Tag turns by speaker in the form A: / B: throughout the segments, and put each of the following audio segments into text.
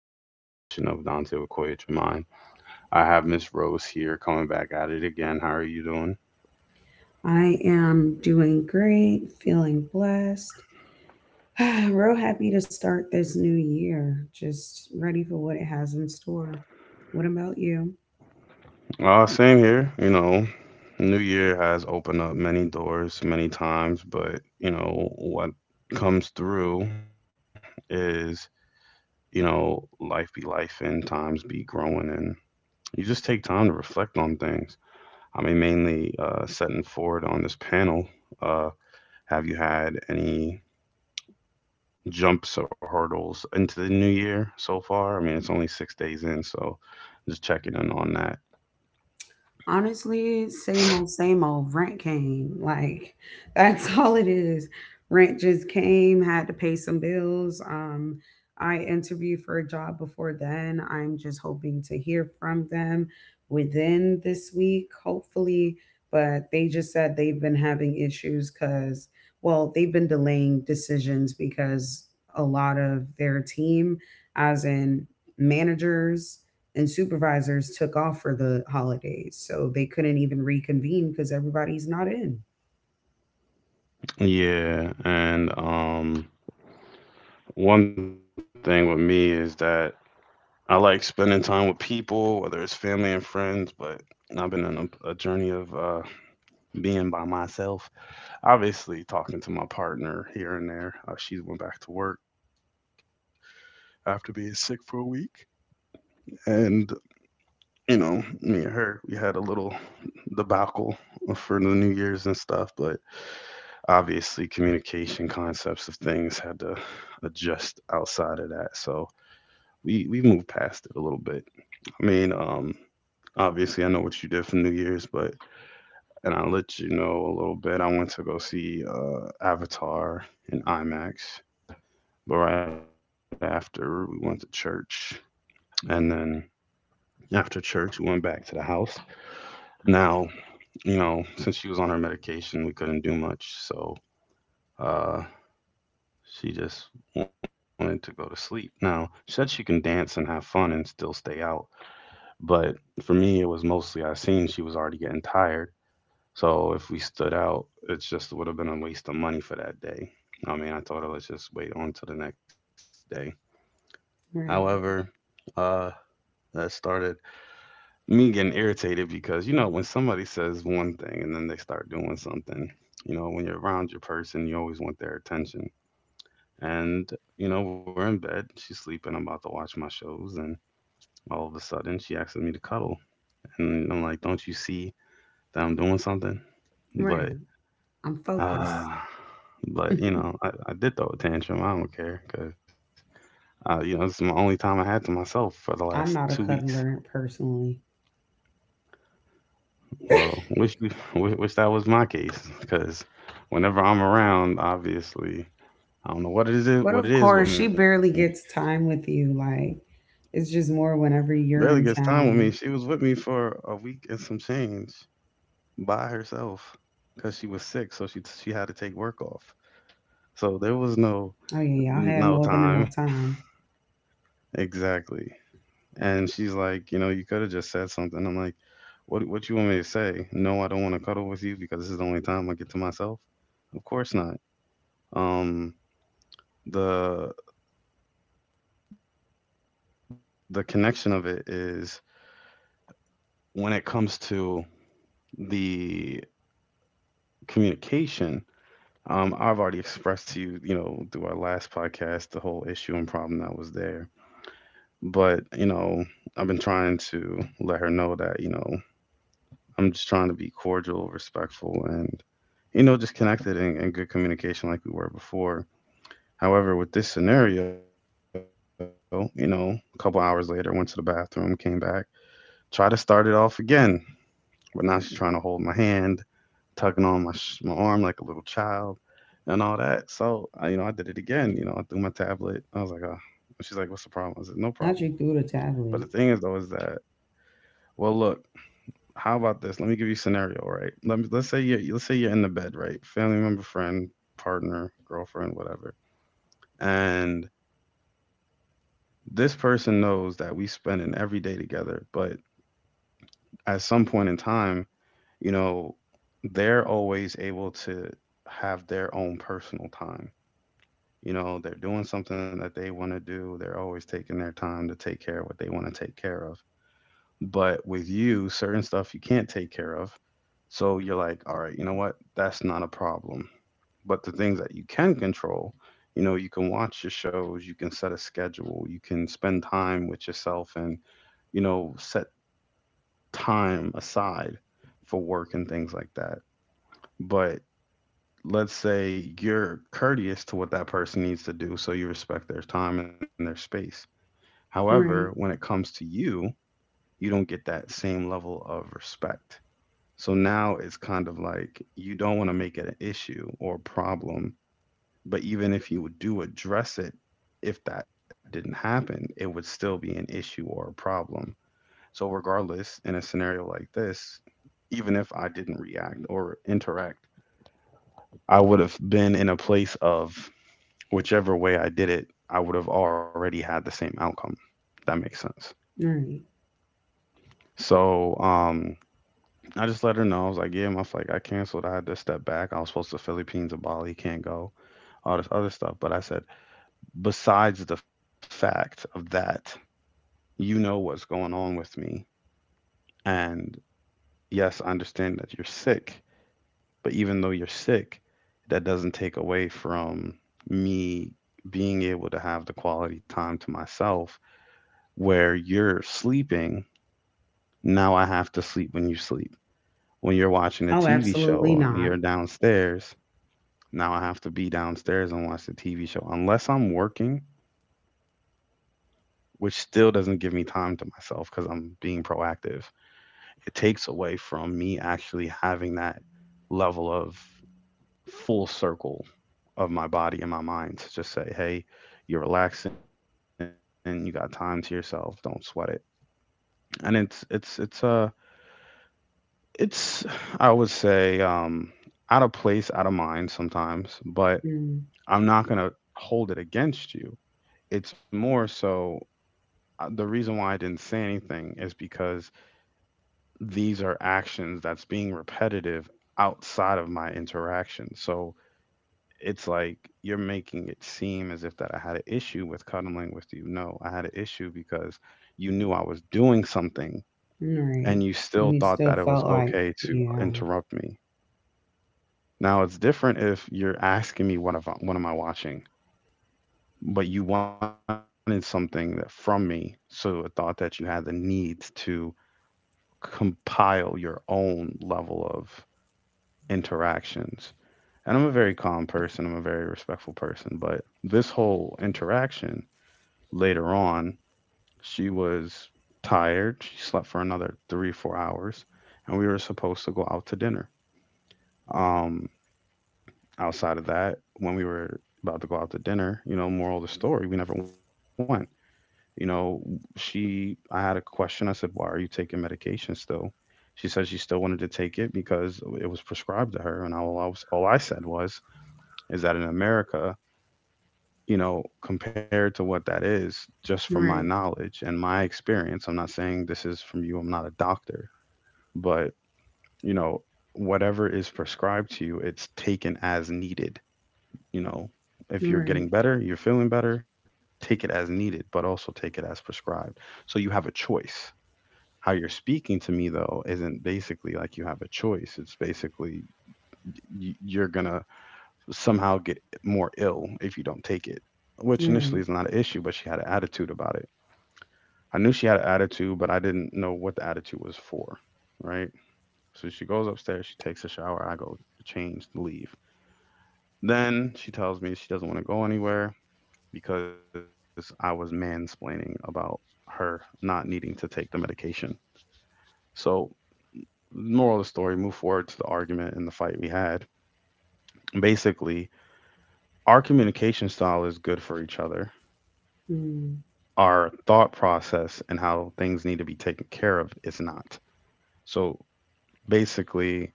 A: on a rendition of Dante with Koya Tremaine, I have Miss Rose here coming back at it again. How are you doing?
B: I am doing great, feeling blessed. Real happy to start this new year, just ready for what it has in store. What about you?
A: Same here. You know, New Year has opened up many doors many times, but, you know, what comes through is, life be life and times be growing, and you just take time to reflect on things. I mean, mainly setting forward on this panel. Uh, have you had any jumps or hurdles into the new year so far? I mean, it's only 6 days in, so just checking in on that.
B: Honestly, same old, same old. Rent came. That's all it is. Rent just came, had to pay some bills. I interviewed for a job before then. I'm just hoping to hear from them within this week, hopefully. But they just said they've been having issues because, well, they've been delaying decisions because a lot of their team, as in managers, and supervisors took off for the holidays. So they couldn't even reconvene because everybody's not in.
A: Yeah, and one thing with me is that I like spending time with people, whether it's family and friends, but I've been on a journey of being by myself. Obviously, talking to my partner here and there. She went back to work after being sick for a week, and you know, me and her, we had a little debacle for the New Year's and stuff, but obviously communication concepts of things had to adjust outside of that. So we moved past it a little bit. I mean, obviously I know what you did for New Year's, but and I'll let you know a little bit. I went to go see Avatar in IMAX, but right after we went to church, and then after church we went back to the house. Now you know, since she was on her medication, we couldn't do much. So uh, she just wanted to go to sleep. Now, she said she can dance and have fun and still stay out. But for me, it was mostly I seen she was already getting tired. So if we stood out, it just would have been a waste of money for that day. I mean, I told her, let's just wait on till the next day. However,
B: Right.
A: uh, that started me getting irritated, because you know when somebody says one thing and then they start doing something, you know when you're around your person you always want their attention. And you know we're in bed, she's sleeping, I'm about to watch my shows, and all of a sudden she asks me to cuddle, and I'm like, don't you see that I'm doing something?
B: Right.
A: but
B: I'm focused.
A: uh but you know I did throw a tantrum, I don't care, because you know it's my only time I had to myself for the last
B: I'm
A: two
B: not a
A: weeks
B: cuddler personally.
A: Well, wish you wish that was my case, because whenever I'm around, obviously, I don't know what it
B: But
A: is
B: of course,
A: with
B: she
A: me.
B: barely gets time with you. Like, it's just more whenever
A: Barely
B: you're
A: gets
B: in
A: time with me. She
B: town.
A: was with me for a week and some change by herself because she was sick, so she had to take work off. So there was no
B: Oh, yeah, y'all had
A: no
B: more than enough
A: time,
B: time.
A: exactly. And she's like, you know, you could have just said something. I'm like, what you want me to say? No, I don't want to cuddle with you because this is the only time I get to myself. Of course not. Um, the the connection of it is when it comes to the communication. I've already expressed to you, you know, through our last podcast, the whole issue and problem that was there. But, you know, I've been trying to let her know that, you know, I'm just trying to be cordial, respectful, and, you know, just connected and, good communication like we were before. However, with this scenario, you know, a couple hours later, went to the bathroom, came back, try to start it off again. But now she's trying to hold my hand, tugging on my arm like a little child, and all that. So I, you know, I did it again. You know, I threw my tablet. I was like, oh. She's like, what's the problem? I said, no problem.
B: Not you through the
A: But the thing
B: tablet.
A: is though, is that well, look, how about this? Let me give you a scenario, right? Let's say you're in the bed, right? Family member, friend, partner, girlfriend, whatever, and this person knows that we spend an every day together, but at some point in time, you know, they're always able to have their own personal time. You know, they're doing something that they want to do. They're always taking their time to take care of what they want to take care of. But with you, certain stuff you can't take care of. So you're like, all right, you know what? That's not a problem. But the things that you can control, you know, you can watch your shows, you can set a schedule, you can spend time with yourself and, you know, set time aside for work and things like that. But let's say you're courteous to what that person needs to do, so you respect their time and their space. However, when it
B: Right.
A: comes to you, you don't get that same level of respect. So now it's kind of like you don't want to make it an issue or a problem, but even if you do address it, if that didn't happen, it would still be an issue or a problem. So, regardless, in a scenario like this, even if I didn't react or interact, I would have been in a place of whichever way I did it, I would have already had the same outcome. If that makes sense.
B: Right.
A: So I just let her know. I was like, yeah, my flight got canceled. I had to step back. I was supposed to Philippines or Bali, can't go, all this other stuff. But I said, besides the fact of that, you know what's going on with me. And yes, I understand that you're sick. But even though you're sick, that doesn't take away from me being able to have the quality time to myself, where you're sleeping, now I have to sleep when you sleep. When you're watching a
B: Oh,
A: TV
B: absolutely
A: show and
B: not.
A: you're downstairs, now I have to be downstairs and watch the TV show unless I'm working, which still doesn't give me time to myself because I'm being proactive. It takes away from me actually having that level of full circle of my body and my mind to just say, hey, you're relaxing, you got time to yourself, don't sweat it. And it's a It's I would say, out of place, out of mind sometimes, but I'm not gonna hold it against you. It's more so the reason why I didn't say anything is because these are actions that's being repetitive outside of my interaction. So it's like you're making it seem as if that I had an issue with cuddling with you. No, I had an issue because you knew I was doing something
B: Right.
A: and you
B: And
A: still
B: you
A: thought
B: still
A: that it was
B: felt like,
A: okay to
B: yeah.
A: interrupt me. Now it's different if you're asking me what if what am I watching, but you wanted something that from me, so a thought that you had the need to compile your own level of interactions. And I'm a very calm person. I'm a very respectful person, but this whole interaction later on, she was tired. She slept for another 3 or 4 hours, and we were supposed to go out to dinner. Um, Outside of that, when we were about to go out to dinner, you know, moral of the story, we never went. You know, I had a question. I said, why are you taking medication still? She said she still wanted to take it because it was prescribed to her. And all I, was, all I said was, is that in America, you know, compared to what that is, just from my
B: Right.
A: knowledge and my experience, I'm not saying this is from you, I'm not a doctor, but, you know, whatever is prescribed to you, it's taken as needed. You know, if you're
B: Right.
A: getting better, you're feeling better, take it as needed, but also take it as prescribed. So you have a choice. How you're speaking to me, though, isn't basically like you have a choice. It's basically you're going to somehow get more ill if you don't take it, which initially
B: Right.
A: is not an issue, but she had an attitude about it. I knew she had an attitude, but I didn't know what the attitude was for, right? So she goes upstairs, she takes a shower, I go to change, leave. Then she tells me she doesn't want to go anywhere, because I was mansplaining about her not needing to take the medication. So, moral of the story, move forward to the argument and the fight we had. Basically, our communication style is good for each other.
B: Mm.
A: Our thought process and how things need to be taken care of is not. So, basically,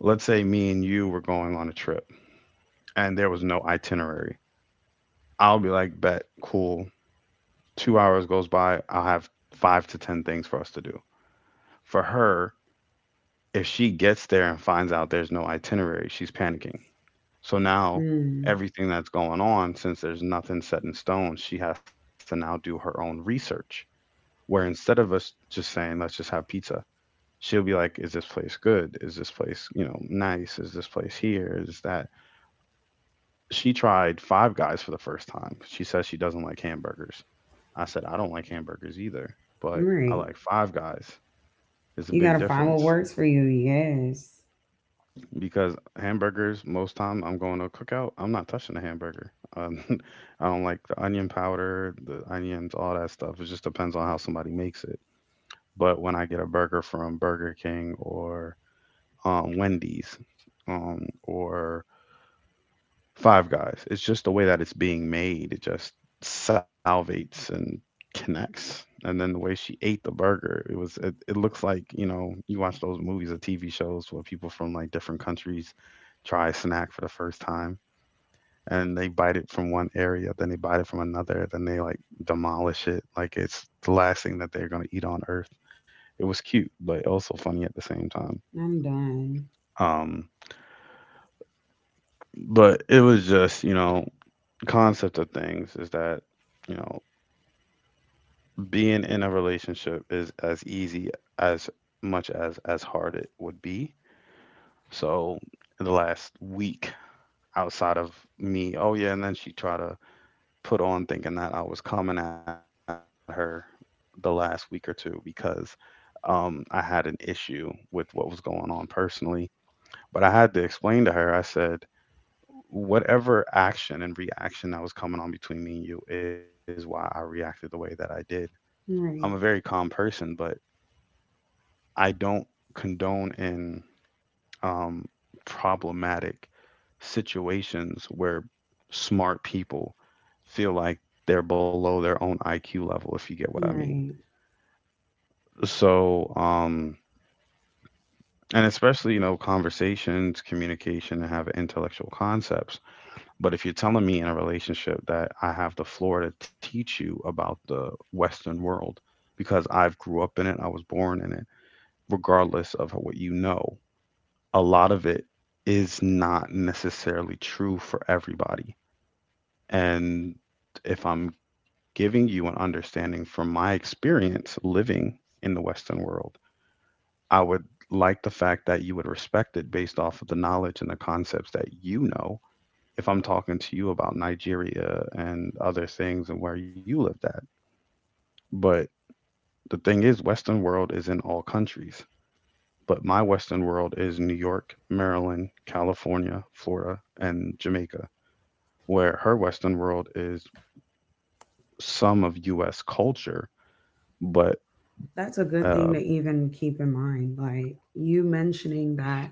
A: let's say me and you were going on a trip and there was no itinerary. I'll be like, bet, cool. 2 hours goes by, I'll have five to 10 things for us to do. For her, if she gets there and finds out there's no itinerary, she's panicking. So now
B: Mm.
A: everything that's going on, since there's nothing set in stone, she has to now do her own research. Where instead of us just saying, let's just have pizza, she'll be like, is this place good? Is this place, nice? Is this place here? Is that? She tried Five Guys for the first time. She says she doesn't like hamburgers. I said, I don't like hamburgers either, but I
B: Right.
A: like Five Guys. It's a
B: You
A: big
B: gotta find what
A: difference.
B: works for you. Yes.
A: Because hamburgers most time I'm going to a cookout, I'm not touching the hamburger. um, I don't like the onion powder, the onions, all that stuff. It just depends on how somebody makes it. But when I get a burger from Burger King or Wendy's or Five Guys. It's just the way that it's being made. It just salvates and connects. And then the way she ate the burger, it was it looks like, you watch those movies or TV shows where people from like different countries try a snack for the first time, and they bite it from one area, then they bite it from another, then they like demolish it like it's the last thing that they're gonna eat on earth. It was cute, but also funny at the same time.
B: I'm done.
A: Um but it was just, concept of things is that you know being in a relationship is as easy as much as hard it would be. So in the last week, outside of me. Oh yeah, and then she tried to put on thinking that I was coming at her the last week or two, because I had an issue with what was going on personally, but I had to explain to her. I said, whatever action and reaction that was coming on between me and you is why I reacted the way that I did. I'm a very
B: Right.
A: calm person, but I don't condone in um, problematic situations where smart people feel like they're below their own IQ level, if you get what I mean.
B: Right.
A: So, and especially, you know, conversations, communication, and have intellectual concepts. But if you're telling me in a relationship that I have the floor to teach you about the Western world because I've grew up in it, I was born in it, regardless of what you know, a lot of it is not necessarily true for everybody. And if I'm giving you an understanding from my experience living in the Western world, I would like the fact that you would respect it based off of the knowledge and the concepts that you know. If I'm talking to you about Nigeria and other things and where you lived at, but the thing is, Western world is in all countries. But my Western world is New York, Maryland, California, Florida, and Jamaica, where her Western world is some of U.S. culture, but
B: That's a good thing to
A: uh,
B: even keep in mind. Like you mentioning that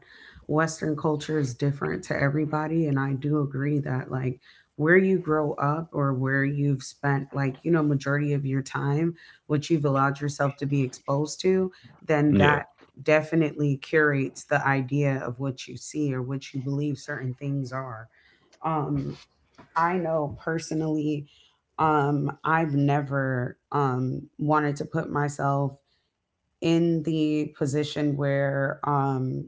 B: Western culture is different to everybody. And I do agree that, like, where you grow up or where you've spent, like, you know, majority of your time, what you've allowed yourself to be exposed to, then that
A: yeah,
B: definitely curates the idea of what you see or what you believe certain things are. Um, I know personally, I've never wanted to put myself in the position where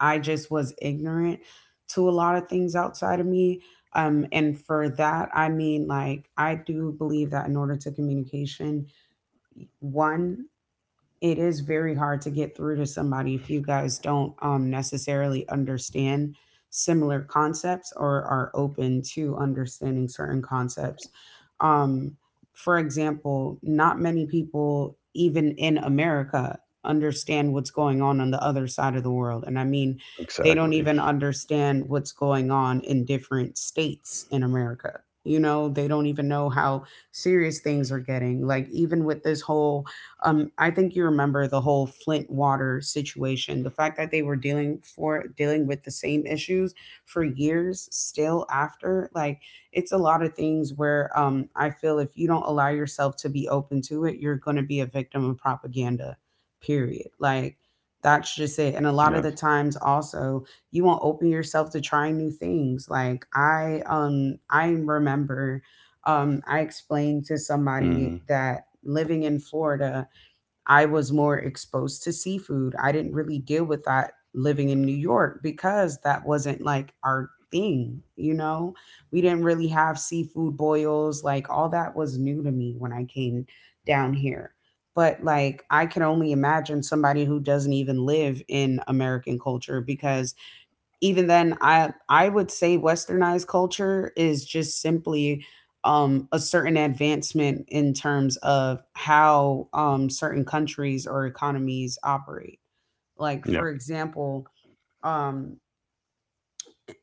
B: I just was ignorant to a lot of things outside of me. And for that I mean like I do believe that in order to communication, one it is very hard to get through to somebody if you guys don't necessarily understand similar concepts or are open to understanding certain concepts. Um, for example, not many people, even in America, understand what's going on the other side of the world. And I mean, they don't even
A: exactly.
B: understand what's going on in different states in America. You know, they don't even know how serious things are getting. Like, even with this whole I think you remember the whole Flint water situation. The fact that they were dealing for dealing with the same issues for years still after, like it's a lot of things where I feel if you don't allow yourself to be open to it, you're going to be a victim of propaganda. Period. Like that's just it. And a lot of
A: Yes.
B: the times, also, you won't open yourself to trying new things. I remember I explained
A: Hmm.
B: to somebody that living in Florida I was more exposed to seafood. I didn't really deal with that living in New York because that wasn't like our thing, you know? We didn't really have seafood boils. Like all that was new to me when I came down here. But like I can only imagine somebody who doesn't even live in American culture because even then I would say westernized culture is just simply a certain advancement in terms of how certain countries or economies operate like for
A: Yep.
B: example um,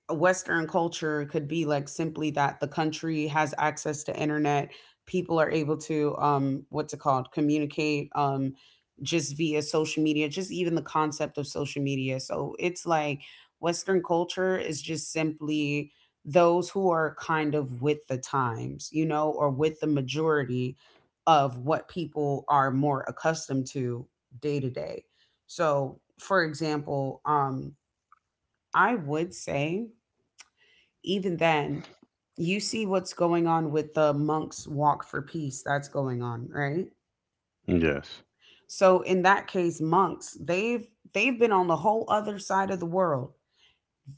B: Western culture could be like simply that the country has access to internet. People are able to what's it called? Communicate just via social media. Just even the concept of social media. So it's like Western culture is just simply those who are kind of with the times, you know, or with the majority of what people are more accustomed to day to day. So, for example, I would say even then, you see what's going on with the monks walk for peace that's going on, right?
A: Yes.
B: So in that case, monks, they've been on the whole other side of the world,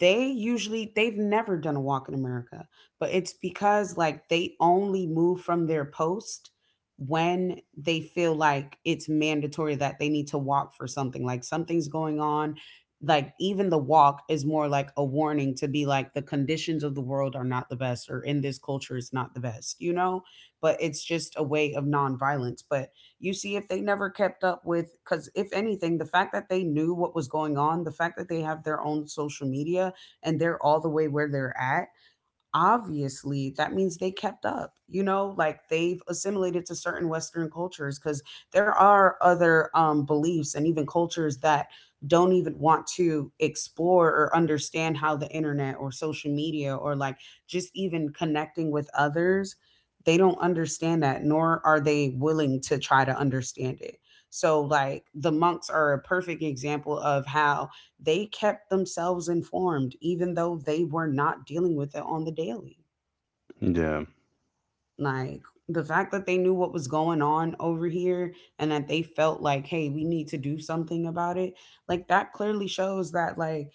B: they usually they've never done a walk in America, but it's because like they only move from their post when they feel like it's mandatory that they need to walk for something, like something's going on. Like even the walk is more like a warning to be like the conditions of the world are not the best or in this culture is not the best, you know? But it's just a way of nonviolence. But you see if they never kept up with, because if anything, the fact that they knew what was going on, the fact that they have their own social media and they're all the way where they're at, obviously that means they kept up, you know, like they've assimilated to certain western cultures because there are other beliefs and even cultures that don't even want to explore or understand how the internet or social media or like just even connecting with others, they don't understand that nor are they willing to try to understand it. So like the monks are a perfect example of how they kept themselves informed even though they were not dealing with it on the daily.
A: Yeah.
B: Like the fact that they knew what was going on over here and that they felt like, hey, we need to do something about it, like that clearly shows that like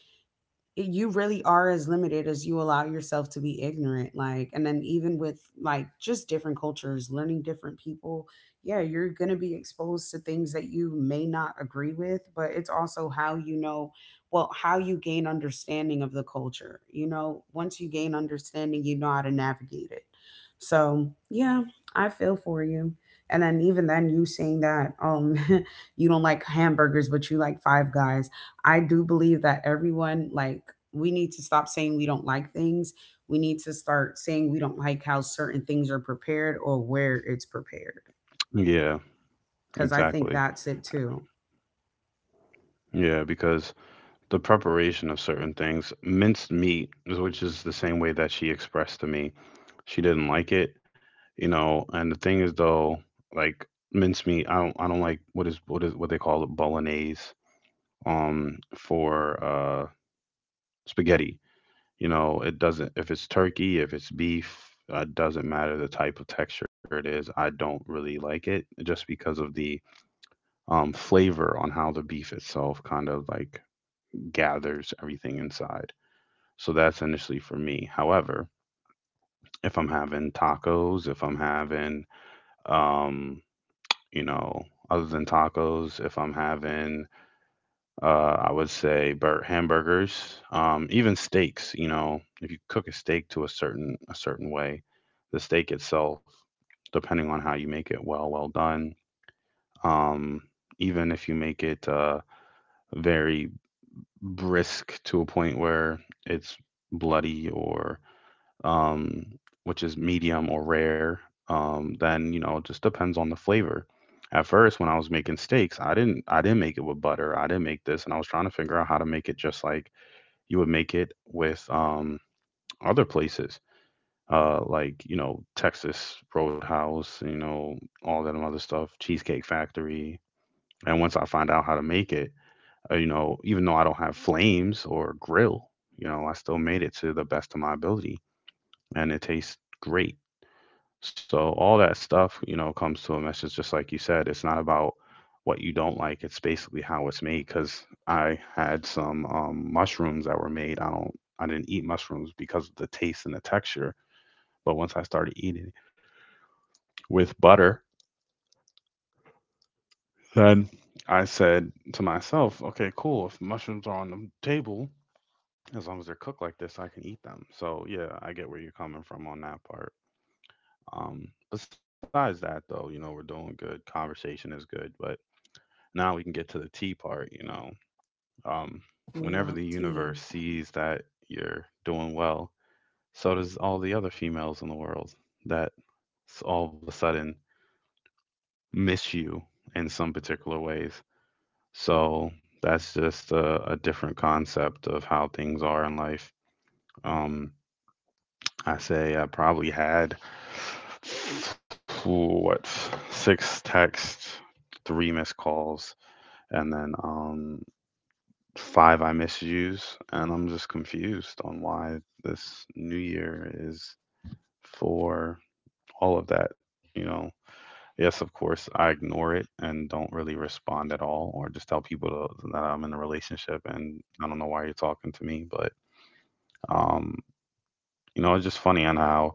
B: you really are as limited as you allow yourself to be ignorant. Like and then even with like just different cultures learning different people, yeah, you're going to be exposed to things that you may not agree with, but it's also how you know, well, how you gain understanding of the culture, you know, once you gain understanding you know how to navigate it. So yeah, I feel for you. And then even then you saying that you don't like hamburgers but you like five guys, I do believe that everyone, like, we need to stop saying we don't like things. We need to start saying we don't like how certain things are prepared or where it's prepared.
A: Yeah.
B: Cause I think
A: Exactly.
B: that's it too.
A: Yeah, because the preparation of certain things, minced meat, is- which is the same way that she expressed to me, she didn't like it, you know. And the thing is, though, like mincemeat, I don't like what is what they call it, bolognese, for spaghetti. You know, it doesn't, if it's turkey, if it's beef, it doesn't matter the type of texture it is. I don't really like it just because of the flavor on how the beef itself kind of like gathers everything inside. So that's initially for me. However, if I'm having tacos, if I'm having um you know, other than tacos, if I'm having, I would say hamburgers, even steaks. You know, if you cook a steak to a certain way, the steak itself, depending on how you make it, well, well done. Um, even if you make it very brisk to a point where it's bloody or um, which is medium or rare. Then you know, it just depends on the flavor. At first, when I was making steaks, I didn't make it with butter. I didn't make this, and I was trying to figure out how to make it just like you would make it with other places, like you know, Texas Roadhouse, you know, all that other stuff, Cheesecake Factory. And once I find out how to make it, you know, even though I don't have flames or grill, you know, I still made it to the best of my ability, and it tastes great. So all that stuff, you know, comes to a message just like you said. It's not about what you don't like. It's basically how it's made. Because I had some mushrooms that were made. I don't. I didn't eat mushrooms because of the taste and the texture. But once I started eating it with butter, then I said to myself, okay, cool. If mushrooms are on the table, as long as they're cooked like this, I can eat them. So yeah, I get where you're coming from on that part. Besides that, though, you know, we're doing good. Conversation is good, but now we can get to the T part, you know. Um,
B: We
A: whenever
B: love
A: the
B: tea.
A: universe sees that you're doing well, so does all the other females in the world that all of a sudden miss you in some particular ways. So that's just a different concept of how things are in life. Um, I say I probably had what, six texts, three missed calls, and then 5 I misuse, and I'm just confused on why this new year is for all of that, you know. Yes, of course, I ignore it and don't really respond at all, or just tell people to, that I'm in a relationship and I don't know why you're talking to me. But, um, you know, it's just funny on how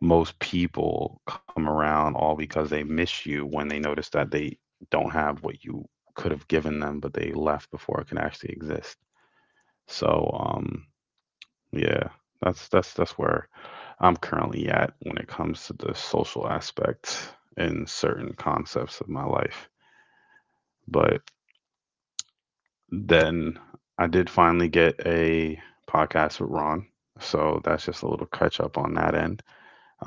A: most people come around all because they miss you when they notice that they don't have what you could have given them, but they left before it can actually exist. So, yeah, that's where I'm currently at when it comes to the social aspect in certain concepts of my life. But then I did finally get a podcast with Ron, so that's just a little catch up on that end.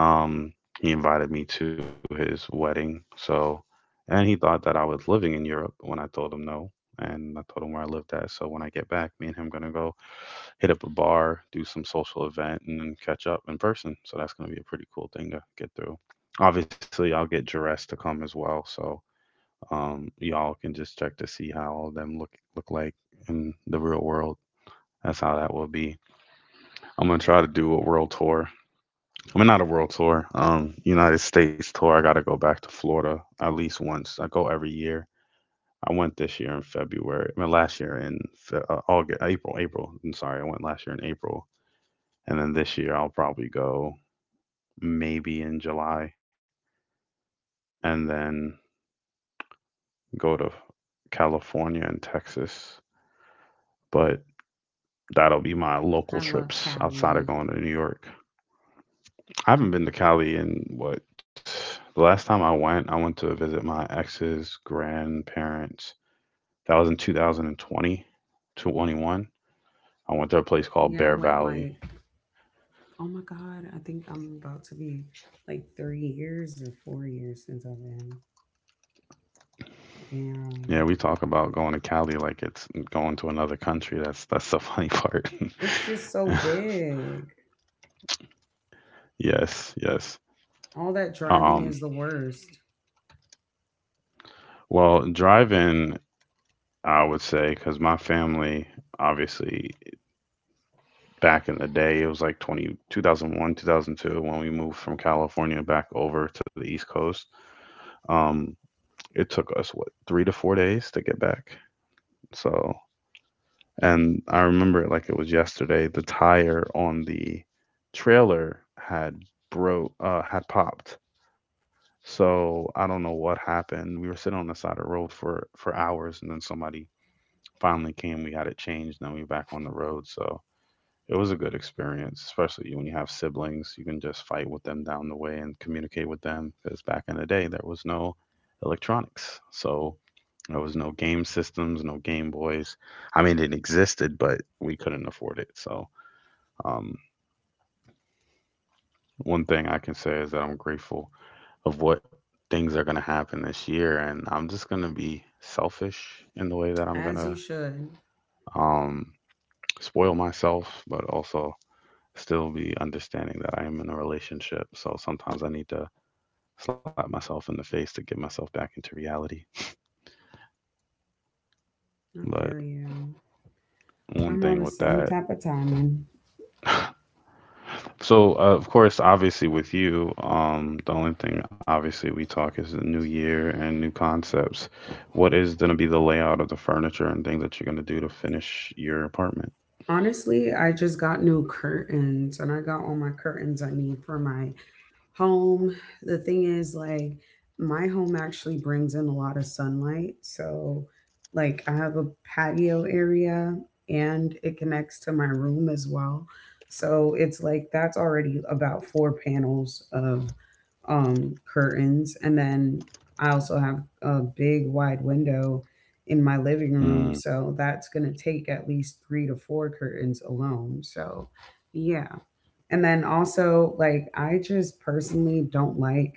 A: Um, he invited me to his wedding, so, and he thought that I was living in Europe, when I told him no, and I told him where I lived at. So when I get back, me and him gonna go hit up a bar, do some social event, and then catch up in person. So that's going to be a pretty cool thing to get through. Obviously, I'll get Jerez to come as well, so y'all can just check to see how all of them look like in the real world. That's how that will be. I'm gonna try to do a world tour. I mean, not a world tour, United States tour. I gotta go back to Florida at least once. I go every year. I went this year in February. I mean, last year in April. I'm sorry, I went last year in April. And then this year I'll probably go maybe in July, and then go to California and Texas. But that'll be my
B: I
A: local
B: love
A: trips outside
B: Cali.
A: of going to New York. I haven't been to Cali in, what, the last time I went to visit my ex's grandparents. That was in 2020, 21. I went to a place called
B: Yeah, I
A: Bear
B: went
A: Valley.
B: like, oh my God, I think I'm about to be like 3 years or 4 years since I've been.
A: Yeah, we
B: Damn.
A: talk about going to Cali like it's going to another country. That's the funny part.
B: It's just so big.
A: Yes, yes.
B: All that driving
A: Um,
B: is the worst,
A: well, driving, I would say, because my family, obviously, back in the day, it was like 2001, 2002, when we moved from California back over to the East Coast. Um, it took us, what, 3 to 4 days to get back. So, and I remember it like it was yesterday, the tire on the trailer had had popped. So I don't know what happened. We were sitting on the side of the road for hours, and then somebody finally came, we had it changed, and then we back on the road. So it was a good experience, especially when you have siblings. You can just fight with them down the way and communicate with them. Because back in the day, there was no electronics, so there was no game systems, no Game Boys. I mean, it existed, but we couldn't afford it. Um, One thing I can say is that I'm grateful of what things are going to happen this year, and I'm just going to be selfish in the way that I'm going
B: as you
A: to
B: should.
A: um, spoil myself, but also still be understanding that I am in a relationship. So sometimes I need to slap myself in the face to get myself back into reality.
B: I
A: But
B: feel you.
A: one
B: I'm
A: thing
B: on the
A: with
B: same
A: that.
B: type of timing.
A: So, of course, obviously with you, the only thing obviously we talk is the new year and new concepts. What is gonna be the layout of the furniture and things that you're gonna do to finish your apartment?
B: Honestly, I just got new curtains and I got all my curtains I need for my home. The thing is, like, my home actually brings in a lot of sunlight. So, like, I have a patio area and it connects to my room as well. So, it's like that's already about four panels of curtains. And then I also have a big wide window in my living
A: Hmm.
B: room. So, that's going to take at least three to four curtains alone. So, yeah. And then also, like, I just personally don't like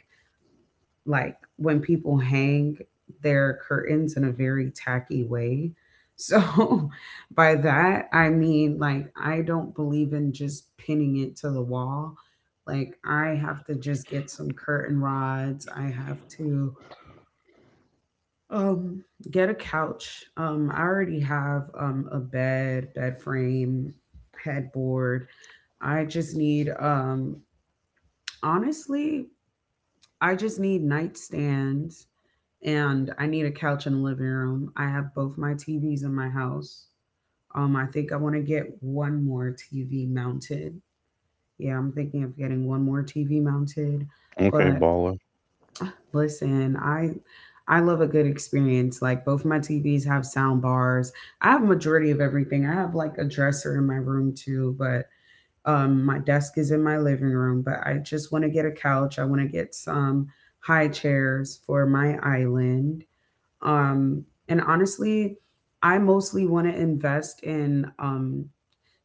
B: when people hang their curtains in a very tacky way. So by that, I mean like I don't believe in just pinning it to the wall. Like I have to just get some curtain rods. I have to um get a couch. I already have a bed, bed frame, headboard. I just need honestly I just need nightstands and I need a couch in the living room. I have both my TVs in my house. I think I want to get one more TV mounted. Yeah, I'm thinking of getting one more TV mounted.
A: Okay,
B: But
A: baller.
B: listen, I love a good experience. Like both my TVs have sound bars. I have majority of everything. I have like a dresser in my room too, but my desk is in my living room, but I just want to get a couch. I want to get some high chairs for my island. And honestly, I mostly want to invest in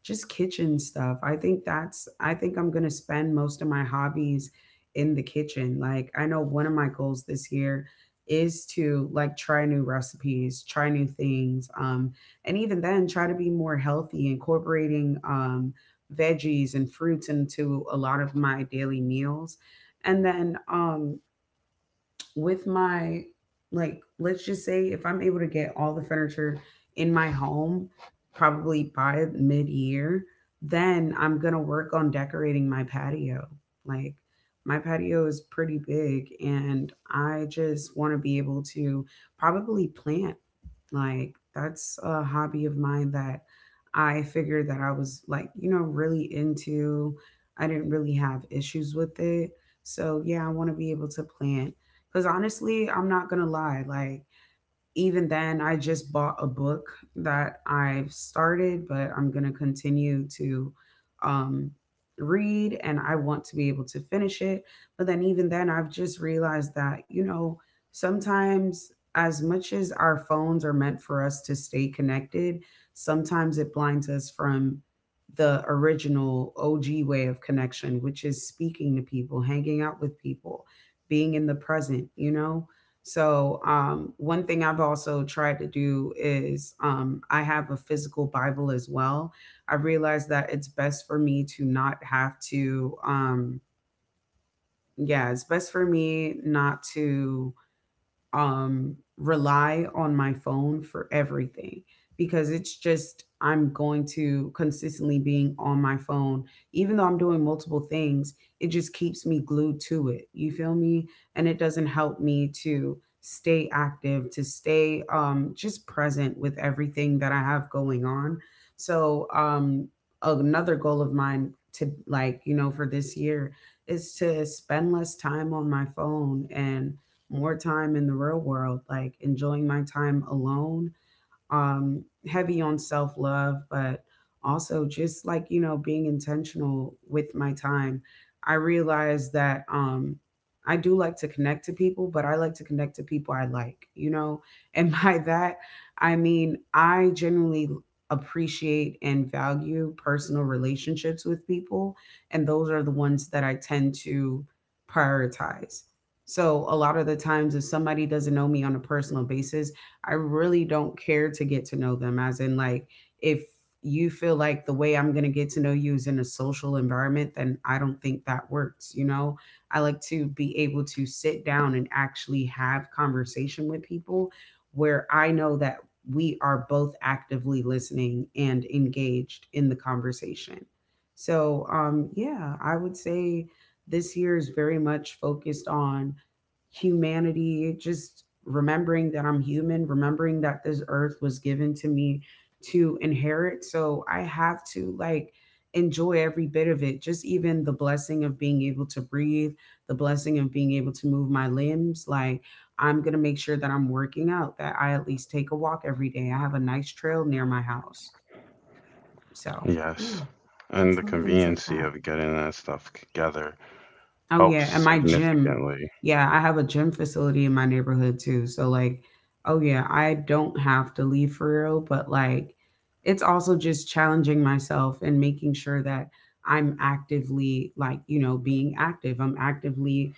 B: just kitchen stuff. I think I'm going to spend most of my hobbies in the kitchen. Like I know one of my goals this year is to like try new recipes, try new things. And even then try to be more healthy incorporating veggies and fruits into a lot of my daily meals. And then with my like, let's just say if I'm able to get all the furniture in my home probably by mid-year, then I'm gonna work on decorating my patio. Like my patio is pretty big and I just want to be able to probably plant. Like that's a hobby of mine that I figured that I was like, you know, really into. I didn't really have issues with it. So yeah, I want to be able to plant. Cause honestly, I'm not gonna lie, like even then, I just bought a book that I've started, but I'm going to continue to um, read and I want to be able to finish it. But then, even then, I've just realized that, you know, sometimes as much as our phones are meant for us to stay connected, sometimes it blinds us from the original OG way of connection, which is speaking to people, hanging out with people, being in the present, you know? So, one thing I've also tried to do is I have a physical Bible as well. I realized that it's best for me to not have to, yeah, it's best for me not to rely on my phone for everything, because it's just I'm going to consistently being on my phone even though I'm doing multiple things. It just keeps me glued to it, you feel me? And it doesn't help me to stay active, to stay just present with everything that I have going on. So, another goal of mine to, like, you know, for this year is to spend less time on my phone and more time in the real world, like enjoying my time alone. Heavy on self love, but also just, like, you know, being intentional with my time. I realized that I do like to connect to people, but I like to connect to people I like, you know? And by that, I mean, I genuinely appreciate and value personal relationships with people. And those are the ones that I tend to prioritize. So a lot of the times, if somebody doesn't know me on a personal basis, I really don't care to get to know them. As in, like, if you feel like the way I'm going to get to know you is in a social environment, then I don't think that works. You know, I like to be able to sit down and actually have conversation with people where I know that we are both actively listening and engaged in the conversation. So, yeah, I would say this year is very much focused on humanity, just remembering that I'm human, remembering that this earth was given to me to inherit. So I have to, like, enjoy every bit of it, just even the blessing of being able to breathe, the blessing of being able to move my limbs. Like, I'm going to make sure that I'm working out, that I at least take a walk every day. I have a nice trail near my house. So, yeah,
A: Yes. And the
B: it's little things like
A: conveniency
B: that.
A: of getting that stuff together
B: Oh
A: helps
B: yeah, and my gym.
A: significantly.
B: Yeah, I have a gym facility in my neighborhood too. So like, oh yeah, I don't have to leave for real, but like it's also just challenging myself and making sure that I'm actively, like, you know, being active. I'm actively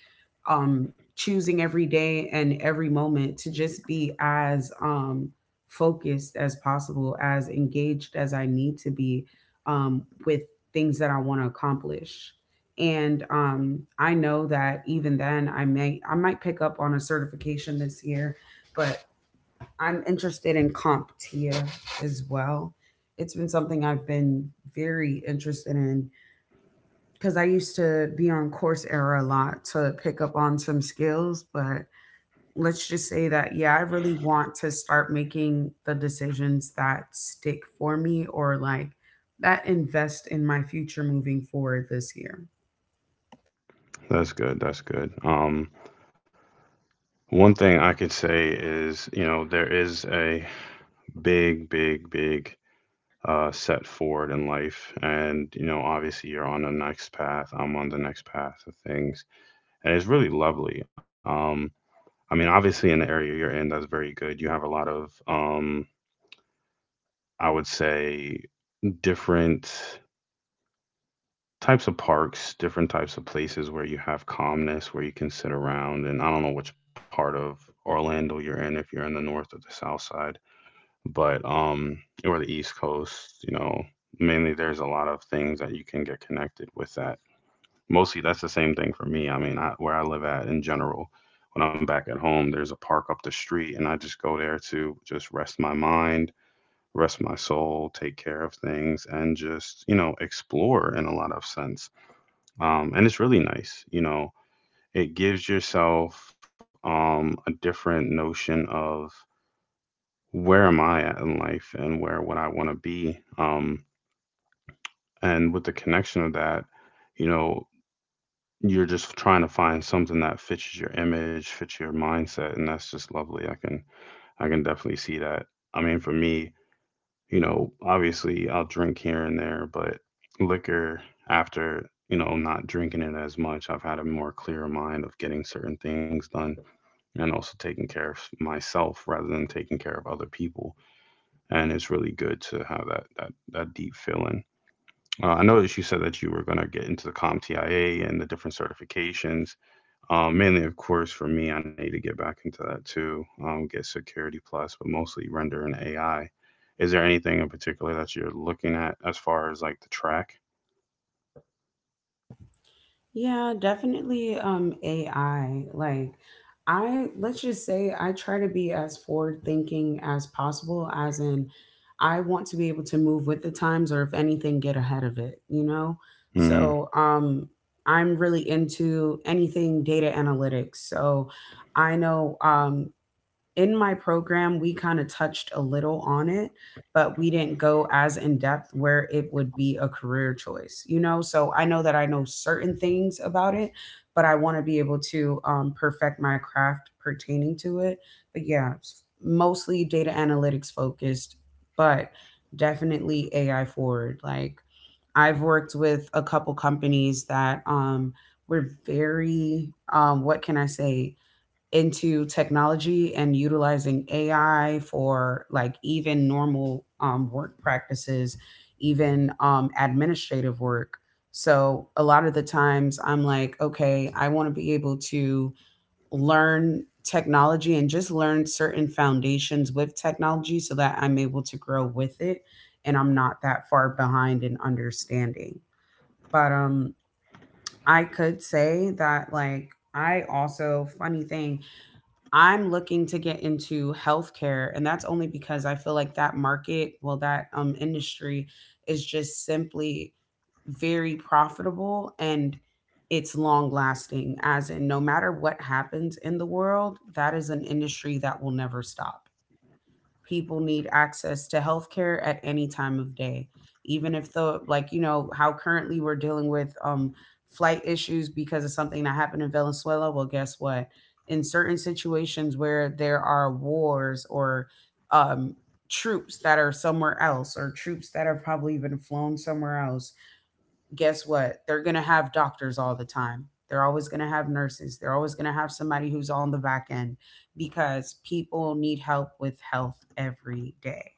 B: choosing every day and every moment to just be as focused as possible, as engaged as I need to be with things that I want to accomplish. And I know that even then I might pick up on a certification this year, but I'm interested in CompTIA as well. It's been something I've been very interested in, because I used to be on Coursera a lot to pick up on some skills. But let's just say that, yeah, I really want to start making the decisions that stick for me, or like that invest in my future moving forward this year.
A: That's good. That's good. One thing I could say is, you know, there is a big, big, big set forward in life. And, you know, obviously you're on the next path. I'm on the next path of things. And it's really lovely. I mean, obviously in the area you're in, that's very good. You have a lot of, I would say, different types of parks, different types of places where you have calmness, where you can sit around. And I don't know which part of Orlando you're in, if you're in the north or the south side, but or the east coast, you know, mainly there's a lot of things that you can get connected with that. Mostly that's the same thing for me. I mean, I, where I live at in general, when I'm back at home, there's a park up the street, and I just go there to just rest my mind. Rest my soul, take care of things, and just, you know, explore in a lot of sense and it's really nice. You know, it gives yourself a different notion of where am I at in life and where would I want to be. And with the connection of that, you know, you're just trying to find something that fits your image, fits your mindset, and that's just lovely. I can definitely see that. I mean, for me, you know, obviously I'll drink here and there, but liquor after, you know, not drinking it as much, I've had a more clear mind of getting certain things done and also taking care of myself rather than taking care of other people. And it's really good to have that deep feeling. I noticed you said that you were going to get into the CompTIA and the different certifications. Mainly, of course, for me, I need to get back into that too. Get Security Plus, but mostly Render and AI. Is there anything in particular that you're looking at as far as like the track?
B: Yeah, definitely AI. Like, I, let's just say I try to be as forward thinking as possible, as in I want to be able to move with the times, or if anything get ahead of it, you know?
A: Mm,
B: So, I'm really into anything data analytics. So, I know in my program, we kind of touched a little on it, but we didn't go as in depth where it would be a career choice, you know? So I know that I know certain things about it, but I want to be able to perfect my craft pertaining to it. But yeah, mostly data analytics focused, but definitely AI forward. Like, I've worked with a couple companies that were very, what can I say, into technology and utilizing AI for, like, even normal work practices, even administrative work. So a lot of the times I'm like, okay, I want to be able to learn technology and just learn certain foundations with technology so that I'm able to grow with it and I'm not that far behind in understanding. But I could say that, like, I also, funny thing, I'm looking to get into healthcare, and that's only because I feel like that market, well, that industry is just simply very profitable, and it's long lasting, as in no matter what happens in the world, that is an industry that will never stop. People need access to healthcare at any time of day, even if the, like, you know how currently we're dealing with flight issues because of something that happened in Venezuela. Well, guess what, in certain situations where there are wars or um troops that are somewhere else, or troops that are probably even flown somewhere else, guess what? They're going to have doctors all the time. They're always going to have nurses. They're always going to have somebody who's on the back end, because people need help with health every day.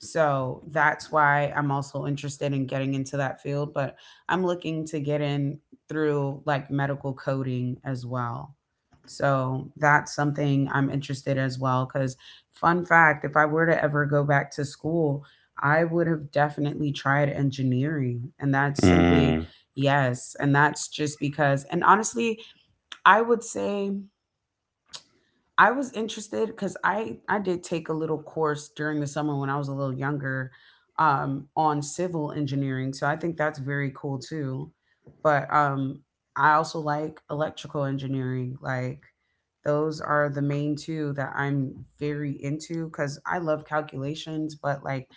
B: So that's why I'm also interested in getting into that field, but I'm looking to get in through like medical coding as well. So that's something I'm interested as well, cuz fun fact, if I were to ever go back to school, I would have definitely tried engineering, and that's simply,
A: mm,
B: yes, and that's just because, and honestly, I would say I was interested because I did take a little course during the summer when I was a little younger, on civil engineering, so I think that's very cool too. But I also like electrical engineering. Like, those are the main two that I'm very into because I love calculations, but like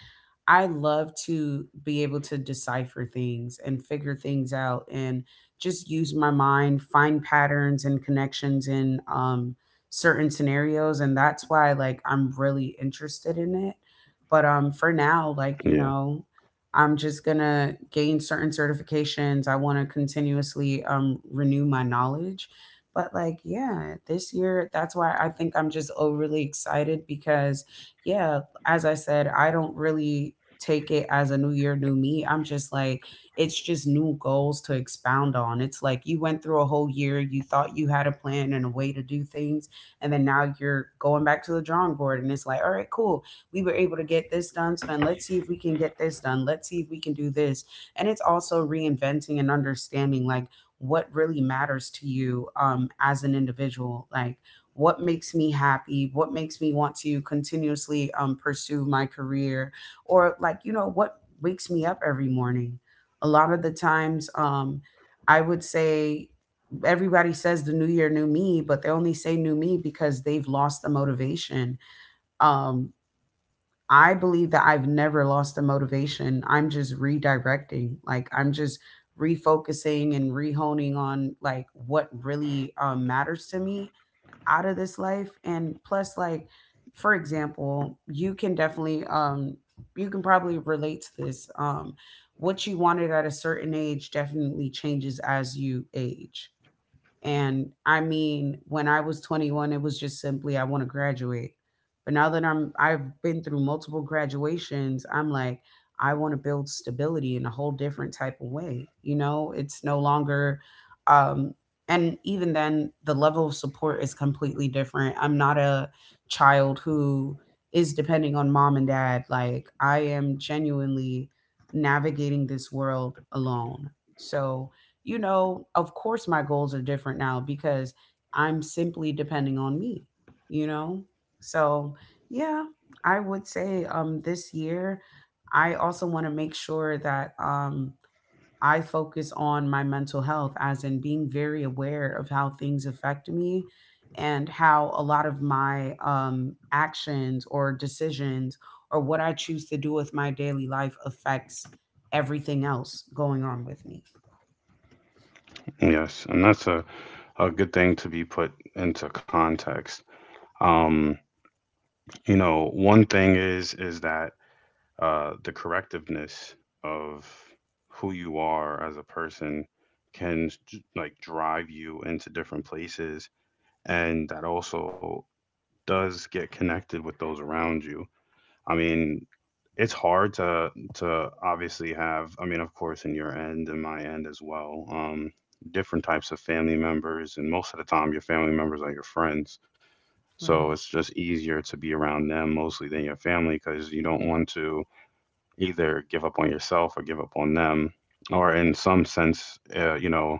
B: I love to be able to decipher things and figure things out and just use my mind, find patterns and connections in certain scenarios. And that's why, like, I'm really interested in it. But for now, like,
A: yeah,
B: you know, I'm just gonna gain certain certifications. I want to continuously renew my knowledge. But like, yeah, this year, that's why I think I'm just overly excited because, yeah, as I said, I don't really take it as a new year, new me. I'm just like, it's just new goals to expound on. It's like you went through a whole year, you thought you had a plan and a way to do things, and then now you're going back to the drawing board and it's like, all right, cool. We were able to get this done. So then let's see if we can get this done. Let's see if we can do this. And it's also reinventing and understanding like what really matters to you as an individual. Like, what makes me happy, what makes me want to continuously pursue my career, or like you know what wakes me up every morning. A lot of the times, I would say everybody says the new year, new me, but they only say new me because they've lost the motivation. um I believe that I've never lost the motivation, I'm just redirecting. Like, I'm just refocusing and rehoning on like what really matters to me out of this life. And plus, like, for example, you can definitely you can probably relate to this. What you wanted at a certain age definitely changes as you age. And I mean, when I was 21, it was just simply I want to graduate. But now that I've been through multiple graduations, I'm like I want to build stability in a whole different type of way. You know, it's no longer um and even then the level of support is completely different. I'm not a child who is depending on mom and dad. Like, I am genuinely navigating this world alone. So, you know, of course my goals are different now because I'm simply depending on me, you know? So, yeah, I would say this year I also want to make sure that I focus on my mental health, as in being very aware of how things affect me and how a lot of my actions or decisions, or what I choose to do with my daily life affects everything else going on with me.
A: yes, and that's a good thing to be put into context. Um, you know, one thing is that the correctiveness of who you are as a person can like drive you into different places and that also does get connected with those around you. I mean, it's hard to obviously have, I mean, of course, in your end and my end as well, different types of family members, and most of the time, your family members are your friends. So
B: Right.
A: it's just easier to be around them mostly than your family because you don't want to either give up on yourself or give up on them, or in some sense, you know,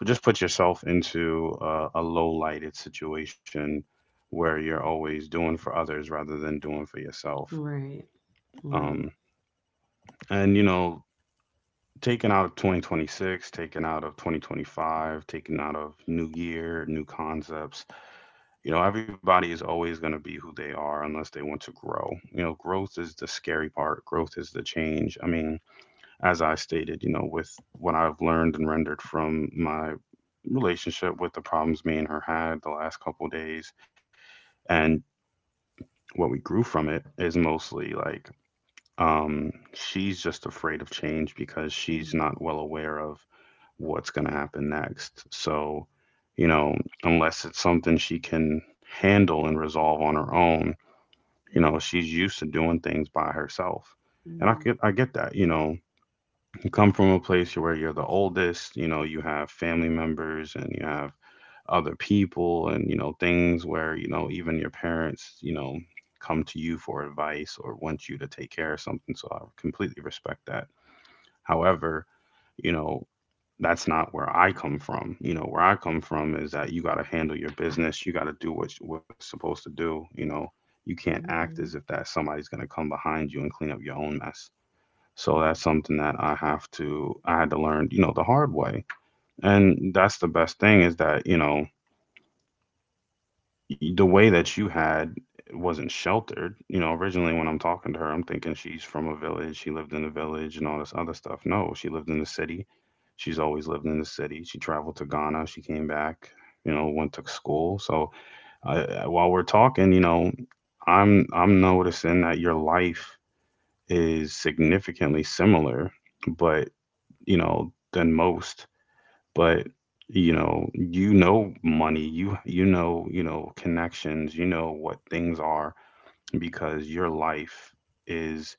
A: but just put yourself into a low lighted situation where you're always doing for others rather than doing for yourself.
B: Right,
A: Um,
B: right.
A: and you know, taken out of 2026, taken out of 2025, taken out of new year, new concepts. You know, everybody is always going to be who they are unless they want to grow. You know, growth is the scary part. Growth is the change. I mean, as I stated, you know, with what I've learned and rendered from my relationship with the problems me and her had the last couple of days and what we grew from it is mostly like she's just afraid of change because she's
B: Mm-hmm.
A: not well aware of what's going to happen next. So, you know, unless it's something she can handle and resolve on her own, you know, she's used to doing things by herself. And I
B: Hmm.
A: get I get that, you know, you come from a place where you're the oldest, you know, you have family members and you have other people and, you know, things where, you know, even your parents, you know, come to you for advice or want you to take care of something. So I completely respect that. However, you know, that's not where I come from. You know, where I come from is that you got to handle your business. You got to do what what's supposed to do. You know, you can't act as if that somebody's going to come behind you and clean up your own mess. So that's something that I had to learn, you know, the hard way. And that's the best thing is that, you know, the way that you had wasn't sheltered. You know, originally when I'm talking to her, I'm thinking she's from a village, she lived in a village and all this other stuff. No, she lived in the city. She's always lived in the city. She traveled to Ghana, she came back, you know, went to school. So I, while we're talking, you know, I'm noticing that your life is significantly similar but you know, than most. But you know money, you know, you know connections, you know what things are because your life is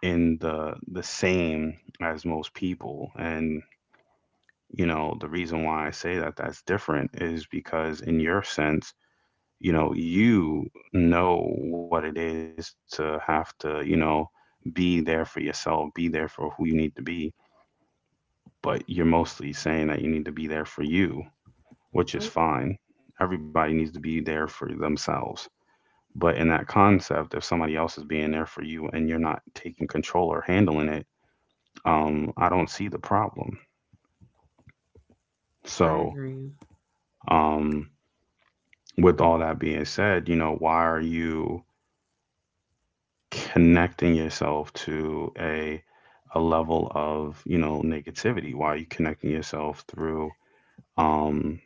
A: in the same as most people and you know the reason why I say that that's different is because in your sense you know what it is to have to you know be there for yourself be there for who you need to be but you're mostly saying that you need to be there for you which is
B: Oh,
A: fine. Everybody needs to be there for themselves. But in that concept, if somebody else is being there for you and you're not taking control or handling it, I don't see the problem.
B: I
A: So,
B: agree.
A: um, with all that being said, you know, why are you connecting yourself to a level of you know negativity? Why are you connecting yourself through um,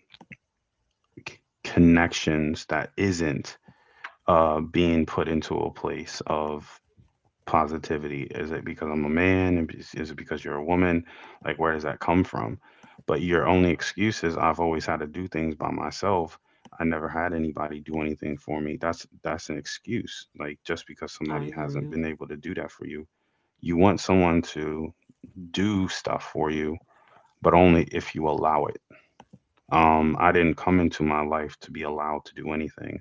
A: c- connections that isn't being put into a place of positivity? Is it because I'm a man? And is it is it because you're a woman? Like, where does that come from? But your only excuse is I've always had to do things by myself. I never had anybody do anything for me. That's an excuse. Like just because
B: I
A: somebody hasn't
B: agree.
A: been able to do that for you, you want someone to do stuff for you, but only if you allow it. I didn't come into my life to be allowed to do anything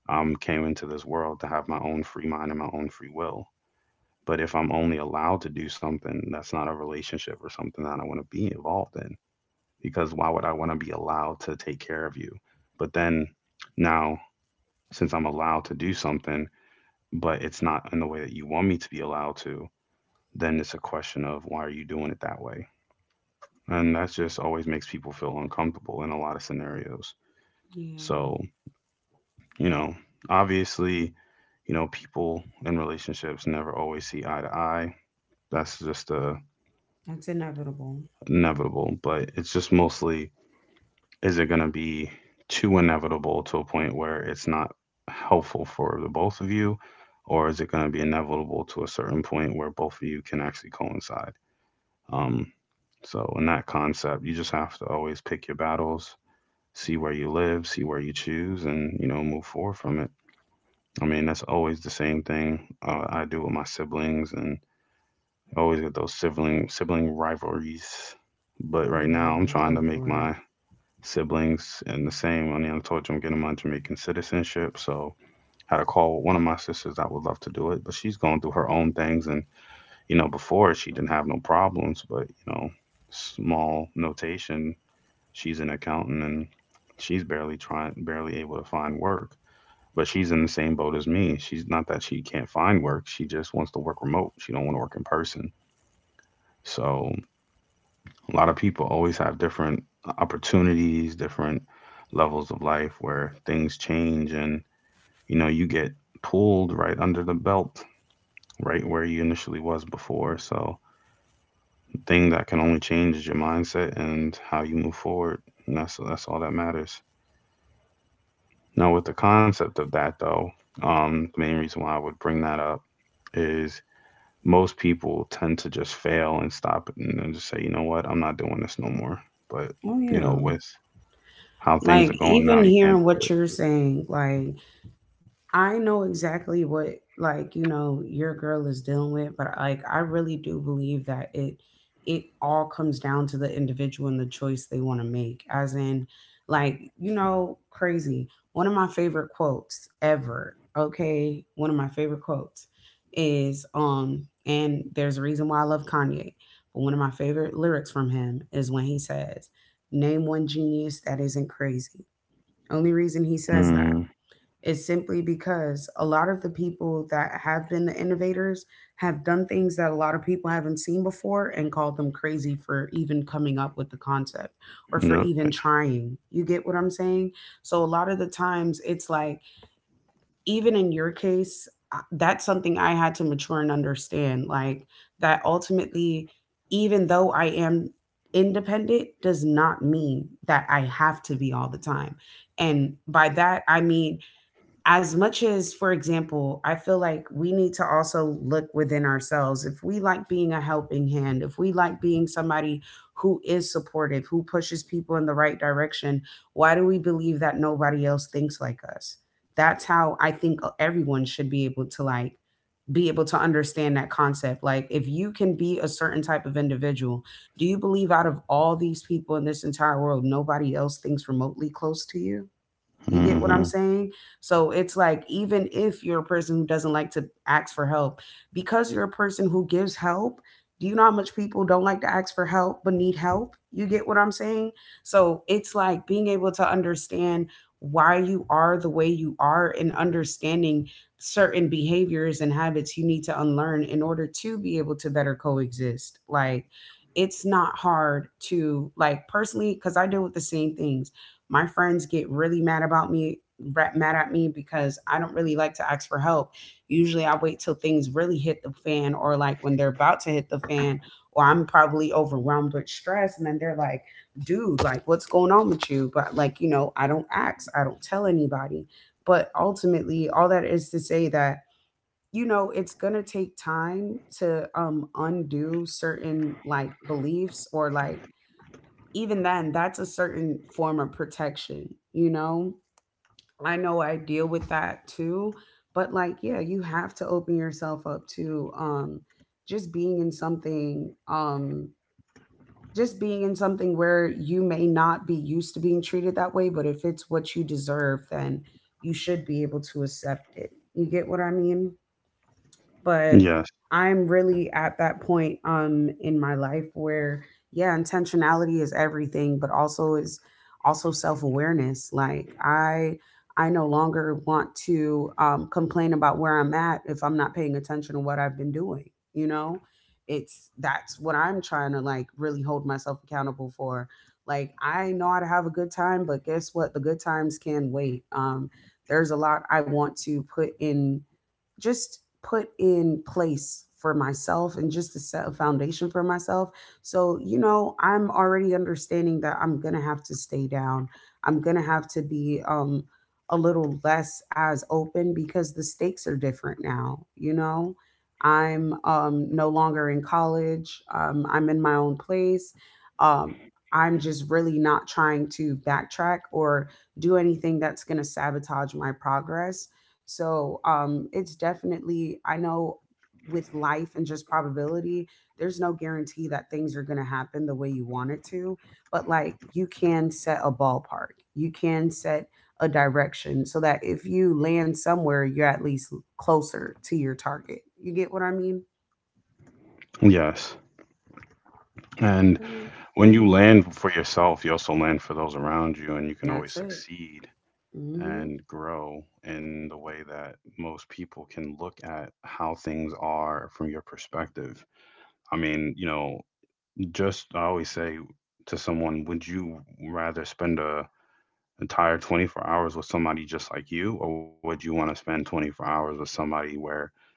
A: came into this world to have my own free mind and my own free will. But if I'm only allowed to do something that's not a relationship or something that I want to be involved in, because why would I want to be allowed to take care of you? But then now, since I'm allowed to do something, but it's not in the way that you want me to be allowed to, then it's a question of why are you doing it that way? And that just always makes people feel uncomfortable in a lot of scenarios.
B: Yeah,
A: So, you know, obviously, you know, people in relationships never always see eye to eye. That's just a
B: that's inevitable.
A: inevitable, but it's just mostly is it going to be too inevitable to a point where it's not helpful for the both of you, or is it going to be inevitable to a certain point where both of you can actually coincide? Um, so, in that concept, you just have to always pick your battles, see where you live, see where you choose, and you know, move forward from it. I mean, that's always the same thing I do with my siblings, and always get those sibling rivalries. But right
B: Mm. Yeah,
A: now, I'm
B: we're
A: trying to
B: good
A: make
B: for
A: my
B: it.
A: siblings and the same. I mean, I told you I'm getting my Jamaican citizenship, so had a call with one of my sisters that would love to do it, but she's going through her own things. And you know, before she didn't have no problems, but you know, small notation. She's an accountant and she's barely trying, barely able to find work. But she's in the same boat as me. She's not that she can't find work. She just wants to work remote. She don't want to work in person. So a lot of people always have different opportunities, different levels of life where things change, and you know you get pulled right under the belt right where you initially was before. So the thing that can only change is your mindset and how you move forward. And that's all that matters. Now with the concept of that though, the main reason why I would bring that up is most people tend to just fail and stop it and then just say, you know what, I'm not doing this no more. But
B: Oh,
A: you
B: yeah.
A: know, with how things are
B: Like,
A: going now,
B: even
A: you can't
B: hearing
A: do
B: what you're saying, like, I know exactly what, like, you know your girl is dealing with, but like I really do believe that it all comes down to the individual and the choice they want to make. As in, like you know, crazy. One of my favorite quotes ever. Okay, one of my favorite quotes is and there's a reason why I love Kanye. But one of my favorite lyrics from him is when he says, "Name one genius that isn't crazy." Only reason he
A: it.
B: says that
A: Mm,
B: is simply because a lot of the people that have been the innovators have done things that a lot of people haven't seen before and called them crazy for even coming up with the concept or for even
A: yep.
B: trying. You get what I'm saying? So a lot of the times it's like, even in your case, that's something I had to mature and understand. Like that ultimately, even though I am independent, does not mean that I have to be all the time. And by that, I mean, as much as for example I feel like we need to also look within ourselves, if we like being a helping hand, if we like being somebody who is supportive, who pushes people in the right direction, why do we believe that nobody else thinks like us? That's how I think everyone should be able to like be able to understand that concept. Like if you can be a certain type of individual, do you believe out of all these people in this entire world nobody else thinks remotely close to you? You get what
A: Mm-hmm.
B: I'm saying? So it's like, even if you're a person who doesn't like to ask for help, because you're a person who gives help, do you know how much people don't like to ask for help but need help? You get what I'm saying? So it's like being able to understand why you are the way you are and understanding certain behaviors and habits you need to unlearn in order to be able to better coexist. Like, it's not hard to, like, personally, because I deal with the same things. My friends get really mad about me, mad at me because I don't really like to ask for help. Usually I wait till things really hit the fan or like when they're about to hit the fan or I'm probably overwhelmed with stress, and then they're like, "Dude, like what's going on with you?" But like, you know, I don't ask, I don't tell anybody. But ultimately, all that is to say that you know it's gonna take time to undo certain like beliefs, or like even then, that's a certain form of protection, you know? I know I deal with that too, but like, yeah, you have to open yourself up to just being in something, just being in something where you may not be used to being treated that way, but if it's what you deserve, then you should be able to accept it. You get what I mean? But
A: Yes,
B: I'm really at that point in my life where yeah, intentionality is everything, but also is also self-awareness. Like I no longer want to complain about where I'm at if I'm not paying attention to what I've been doing, you know? It's That's what I'm trying to like really hold myself accountable for. Like I know how to have a good time, but guess what? The good times can wait. There's a lot I want to put in just put in place for myself and just to set a foundation for myself. So, you know, I'm already understanding that I'm going to have to stay down. I'm going to have to be a little less as open because the stakes are different now, you know. I'm no longer in college. I'm in my own place. Um I'm just really not trying to backtrack or do anything that's going to sabotage my progress. So it's definitely, I know with life and just probability, there's no guarantee that things are going to happen the way you want it to. But like you can set a ballpark, you can set a direction so that if you land somewhere, you're at least closer to your target. You get what I mean?
A: yes. And
B: Come on.
A: when
B: Mm-hmm.
A: you land for yourself, you also land for those around you, and you can always
B: That's it.
A: succeed
B: Hmm.
A: and grow in the way that most people can look at how things are from your perspective. I mean, you know, just I always say to someone, would you rather spend a entire 24 hours with somebody just like you, or would you want to spend 24 hours with somebody where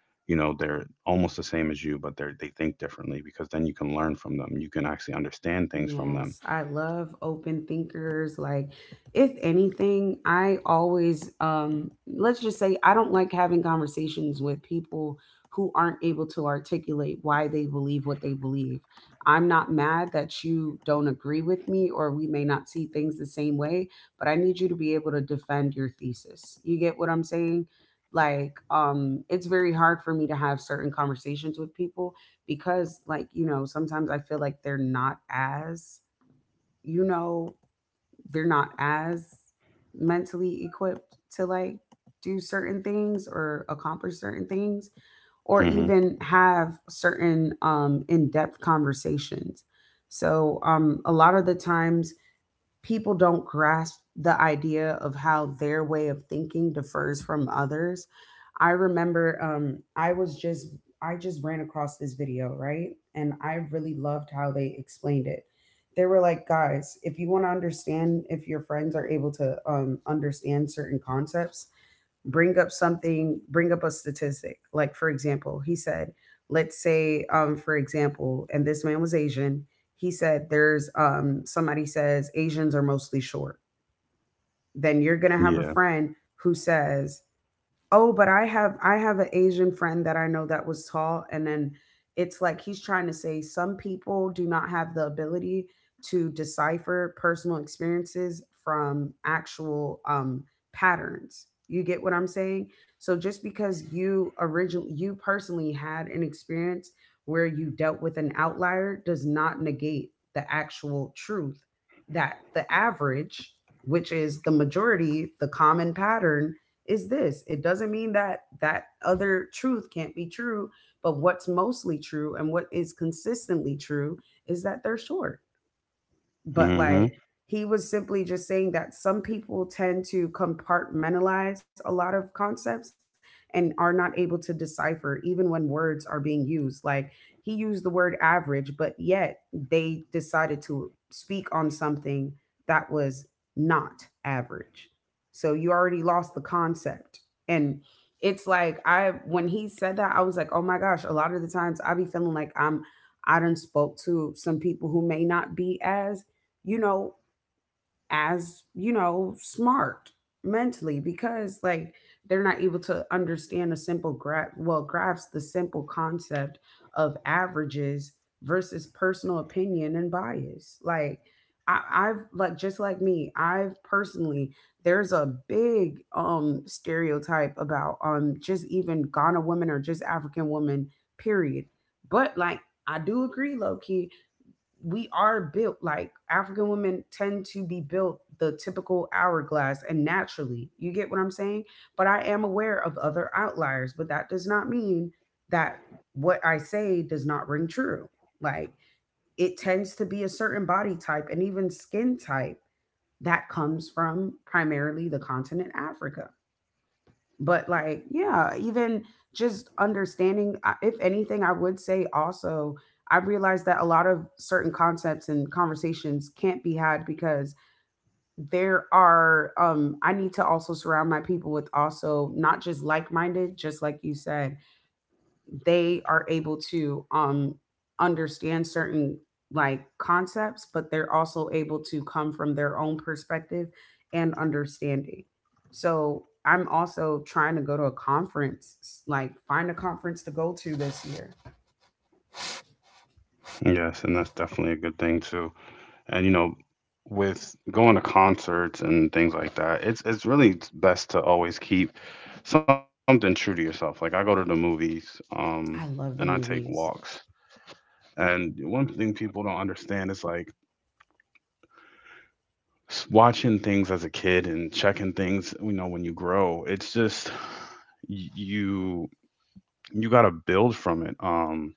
A: you know they're almost the same as you but they think differently, because then you can learn from them, you can actually understand things from them.
B: Yes, I love open thinkers. Like, if anything, I always, let's just say, I don't like having conversations with people who aren't able to articulate why they believe what they believe. I'm not mad that you don't agree with me or we may not see things the same way, but I need you to be able to defend your thesis. You get what I'm saying? Like, it's very hard for me to have certain conversations with people because like you know sometimes I feel like they're not as, you know, they're not as mentally equipped to like do certain things or accomplish certain things or
A: Hmm
B: even have certain in-depth conversations. So a lot of the times people don't grasp the idea of how their way of thinking differs from others. I remember I just ran across this video, right? And I really loved how they explained it. They were like, guys, if you want to understand if your friends are able to understand certain concepts, bring up something, bring up a statistic. Like, for example, he said, let's say, for example, and this man was Asian, he said, there's somebody says Asians are mostly short. Then you're going to have a
A: yeah.
B: friend who says, oh, but I have an Asian friend that I know that was tall. And then it's like he's trying to say some people do not have the ability to decipher personal experiences from actual patterns. You get what I'm saying? So just because you personally had an experience where you dealt with an outlier does not negate the actual truth that the average, which is the majority, the common pattern is this. It doesn't mean that that other truth can't be true, but what's mostly true and what is consistently true is that they're short. But
A: hmm
B: like he was simply just saying that some people tend to compartmentalize a lot of concepts and are not able to decipher even when words are being used. Like he used the word average, but yet they decided to speak on something that was not average. So you already lost the concept. And it's like I when he said that I was like, oh my gosh, a lot of the times I be feeling like I done spoke to some people who may not be as, you know, as, you know, smart mentally, because like they're not able to understand a simple grasp the simple concept of averages versus personal opinion and bias. Like, I, I've like just like me, I've personally there's a big stereotype about just even Ghana women or just African women, period. But like I do agree, low Loki we are built, like African women tend to be built the typical hourglass and naturally. You get what I'm saying? But I am aware of other outliers, but that does not mean that what I say does not ring true. Like it tends to be a certain body type and even skin type that comes from primarily the continent Africa. But like yeah, even just understanding if anything I would say also I realized that a lot of certain concepts and conversations can't be had because there are I need to also surround my people with also not just like-minded, just like you said, they are able to understand certain like concepts, but they're also able to come from their own perspective and understanding. So I'm also trying to go to a conference, like find a conference to go to this year.
A: yes, and that's definitely a good thing too. And you know, with going to concerts and things like that, it's really best to always keep something true to yourself. Like, I go to the movies,
B: I love the
A: and I take
B: movies.
A: walks. And one thing people don't understand is like, watching things as a kid and checking things, you know, when you grow, it's just you you got to build from it.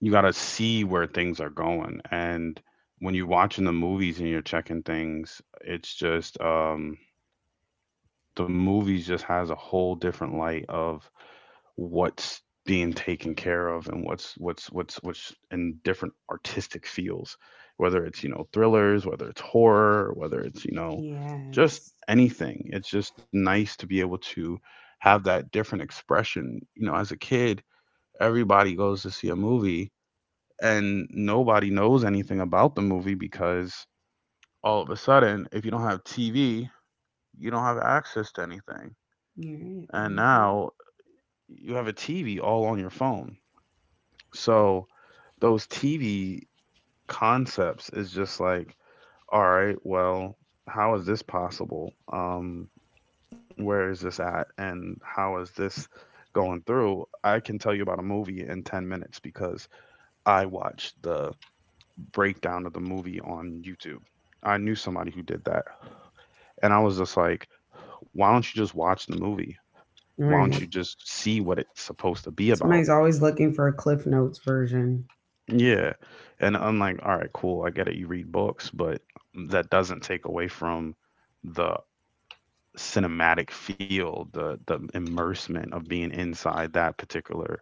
A: You got to see where things are going. And when you're watching the movies and you're checking things, it's just the movies just has a whole different light of what's being taken care of, and what's in different artistic fields, whether it's you know thrillers, whether it's horror, whether it's you know just
B: Yes.
A: anything. It's just nice to be able to have that different expression. You know, as a kid, everybody goes to see a movie and nobody knows anything about the movie because all of a sudden, if you don't have TV, you don't have access to anything.
B: You're right.
A: And
B: Hmm.
A: now you have a TV all on your phone. So those TV concepts is just like, all right, well, how is this possible? Where is this at? And how is this going through? I can tell you about a movie in 10 minutes because I watched the breakdown of the movie on YouTube. I knew somebody who did that. And I was just like, why don't you just watch the movie? Why don't
B: Right.
A: you just see what it's supposed to be about?
B: Somebody's always looking for a cliff notes version.
A: Yeah. And I'm like, all right, cool. I get it. You read books, but that doesn't take away from the cinematic feel, the immersement of being inside that particular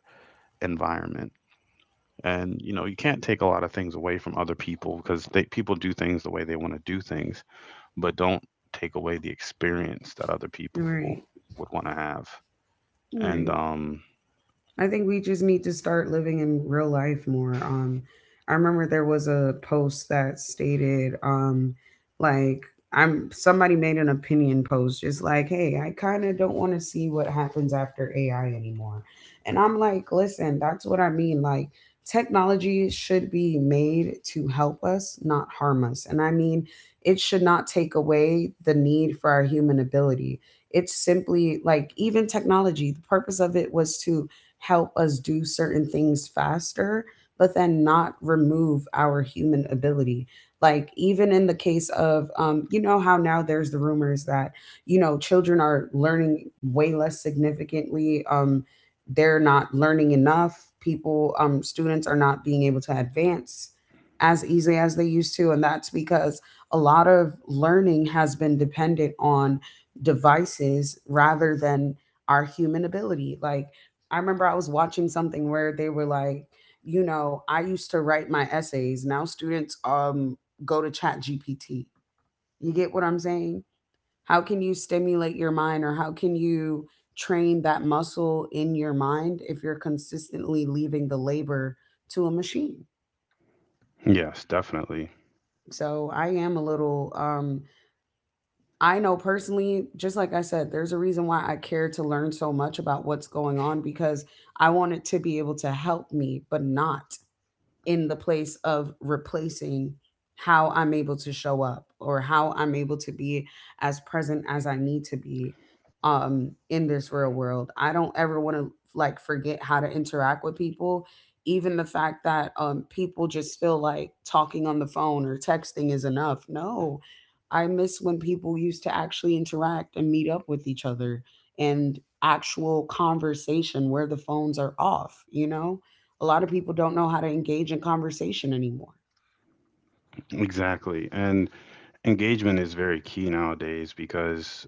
A: environment. And you know, you can't take a lot of things away from other people because they people do things the way they want to do things, but don't take away the experience that other people
B: Right.
A: would want to have. And
B: Right. I think we just need to start living in real life more. I remember there was a post that stated, like, I'm somebody made an opinion post, just like, hey, I kind of don't want to see what happens after AI anymore. And I'm like, listen, that's what I mean. Like, technology should be made to help us, not harm us. And I mean, it should not take away the need for our human ability. It's simply like, even technology, the purpose of it was to help us do certain things faster, but then not remove our human ability. Like, even in the case of, you know, how now there's the rumors that, you know, children are learning way less significantly. They're not learning enough. Students are not being able to advance as easily as they used to. And that's because a lot of learning has been dependent on devices rather than our human ability. Like, I remember I was watching something where they were like, you know, I used to write my essays. Now students go to Chat GPT. You get what I'm saying? How can you stimulate your mind, or how can you train that muscle in your mind if you're consistently leaving the labor to a machine?
A: yes, definitely.
B: So I am a little I know personally, just like I said, there's a reason why I care to learn so much about what's going on because I want it to be able to help me, but not in the place of replacing how I'm able to show up or how I'm able to be as present as I need to be in this real world. I don't ever want to like forget how to interact with people. Even the fact that people just feel like talking on the phone or texting is enough. No. I miss when people used to actually interact and meet up with each other and actual conversation where the phones are off, you know? A lot of people don't know how to engage in conversation anymore.
A: Exactly. And engagement is very key nowadays because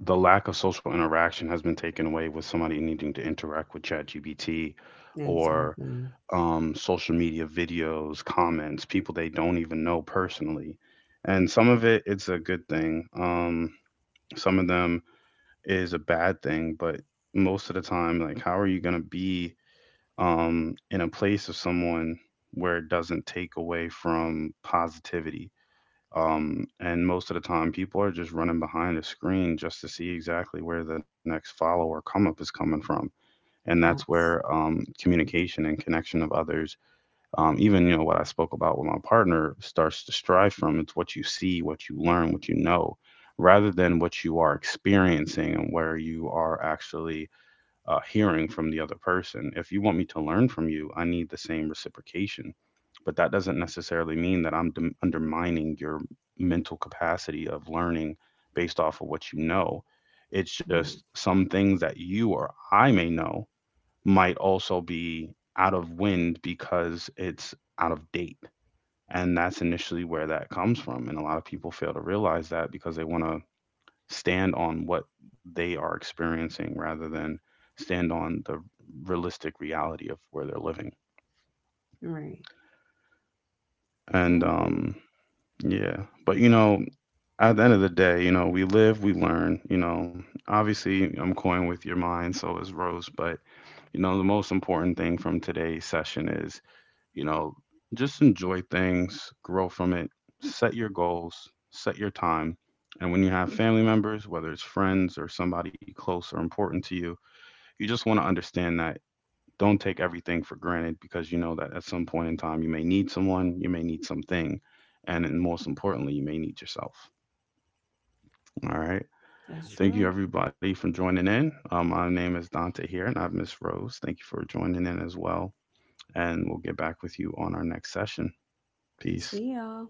A: the lack of social interaction has been taken away with somebody needing to interact with ChatGPT or
B: Exactly.
A: social media videos, comments, people they don't even know personally. And some of it, it's a good thing. Some of them is a bad thing, but most of the time, like, how are you going to be in a place of someone where it doesn't take away from positivity? And most of the time, people are just running behind a screen just to see exactly where the next follow or come up is coming from. And that's where
B: Facts.
A: communication and connection of others, even you know what I spoke about with my partner, starts to strive from. It's what you see, what you learn, what you know, rather than what you are experiencing and where you are actually hearing from the other person. If you want me to learn from you, I need the same reciprocation. But that doesn't necessarily mean that I'm undermining your mental capacity of learning based off of what you know. It's
B: All right.
A: just some things that you or I may know might also be out of wind because it's out of date. And that's initially where that comes from. And a lot of people fail to realize that because they want to stand on what they are experiencing rather than stand on the realistic reality of where they're living.
B: All right. I
A: And
B: agree.
A: yeah, but you know, at the end of the day, you know, we live, we learn. You know, obviously, I'm going with your mind, so is Rose. But you know, the most important thing from today's session is, you know, just enjoy things, grow from it, set your goals, set your time. And when you have family members, whether it's friends or somebody close or important to you, you just want to understand that don't take everything for granted, because you know that at some point in time you may need someone, you may need something, and then most importantly, you may need yourself. All right.
B: That's
A: Thank you
B: true.
A: everybody for joining in. My name is Dante here, and I have Miss Rose. Thank you for joining in as well, and we'll get back with you on our next session. Peace.
B: See y'all.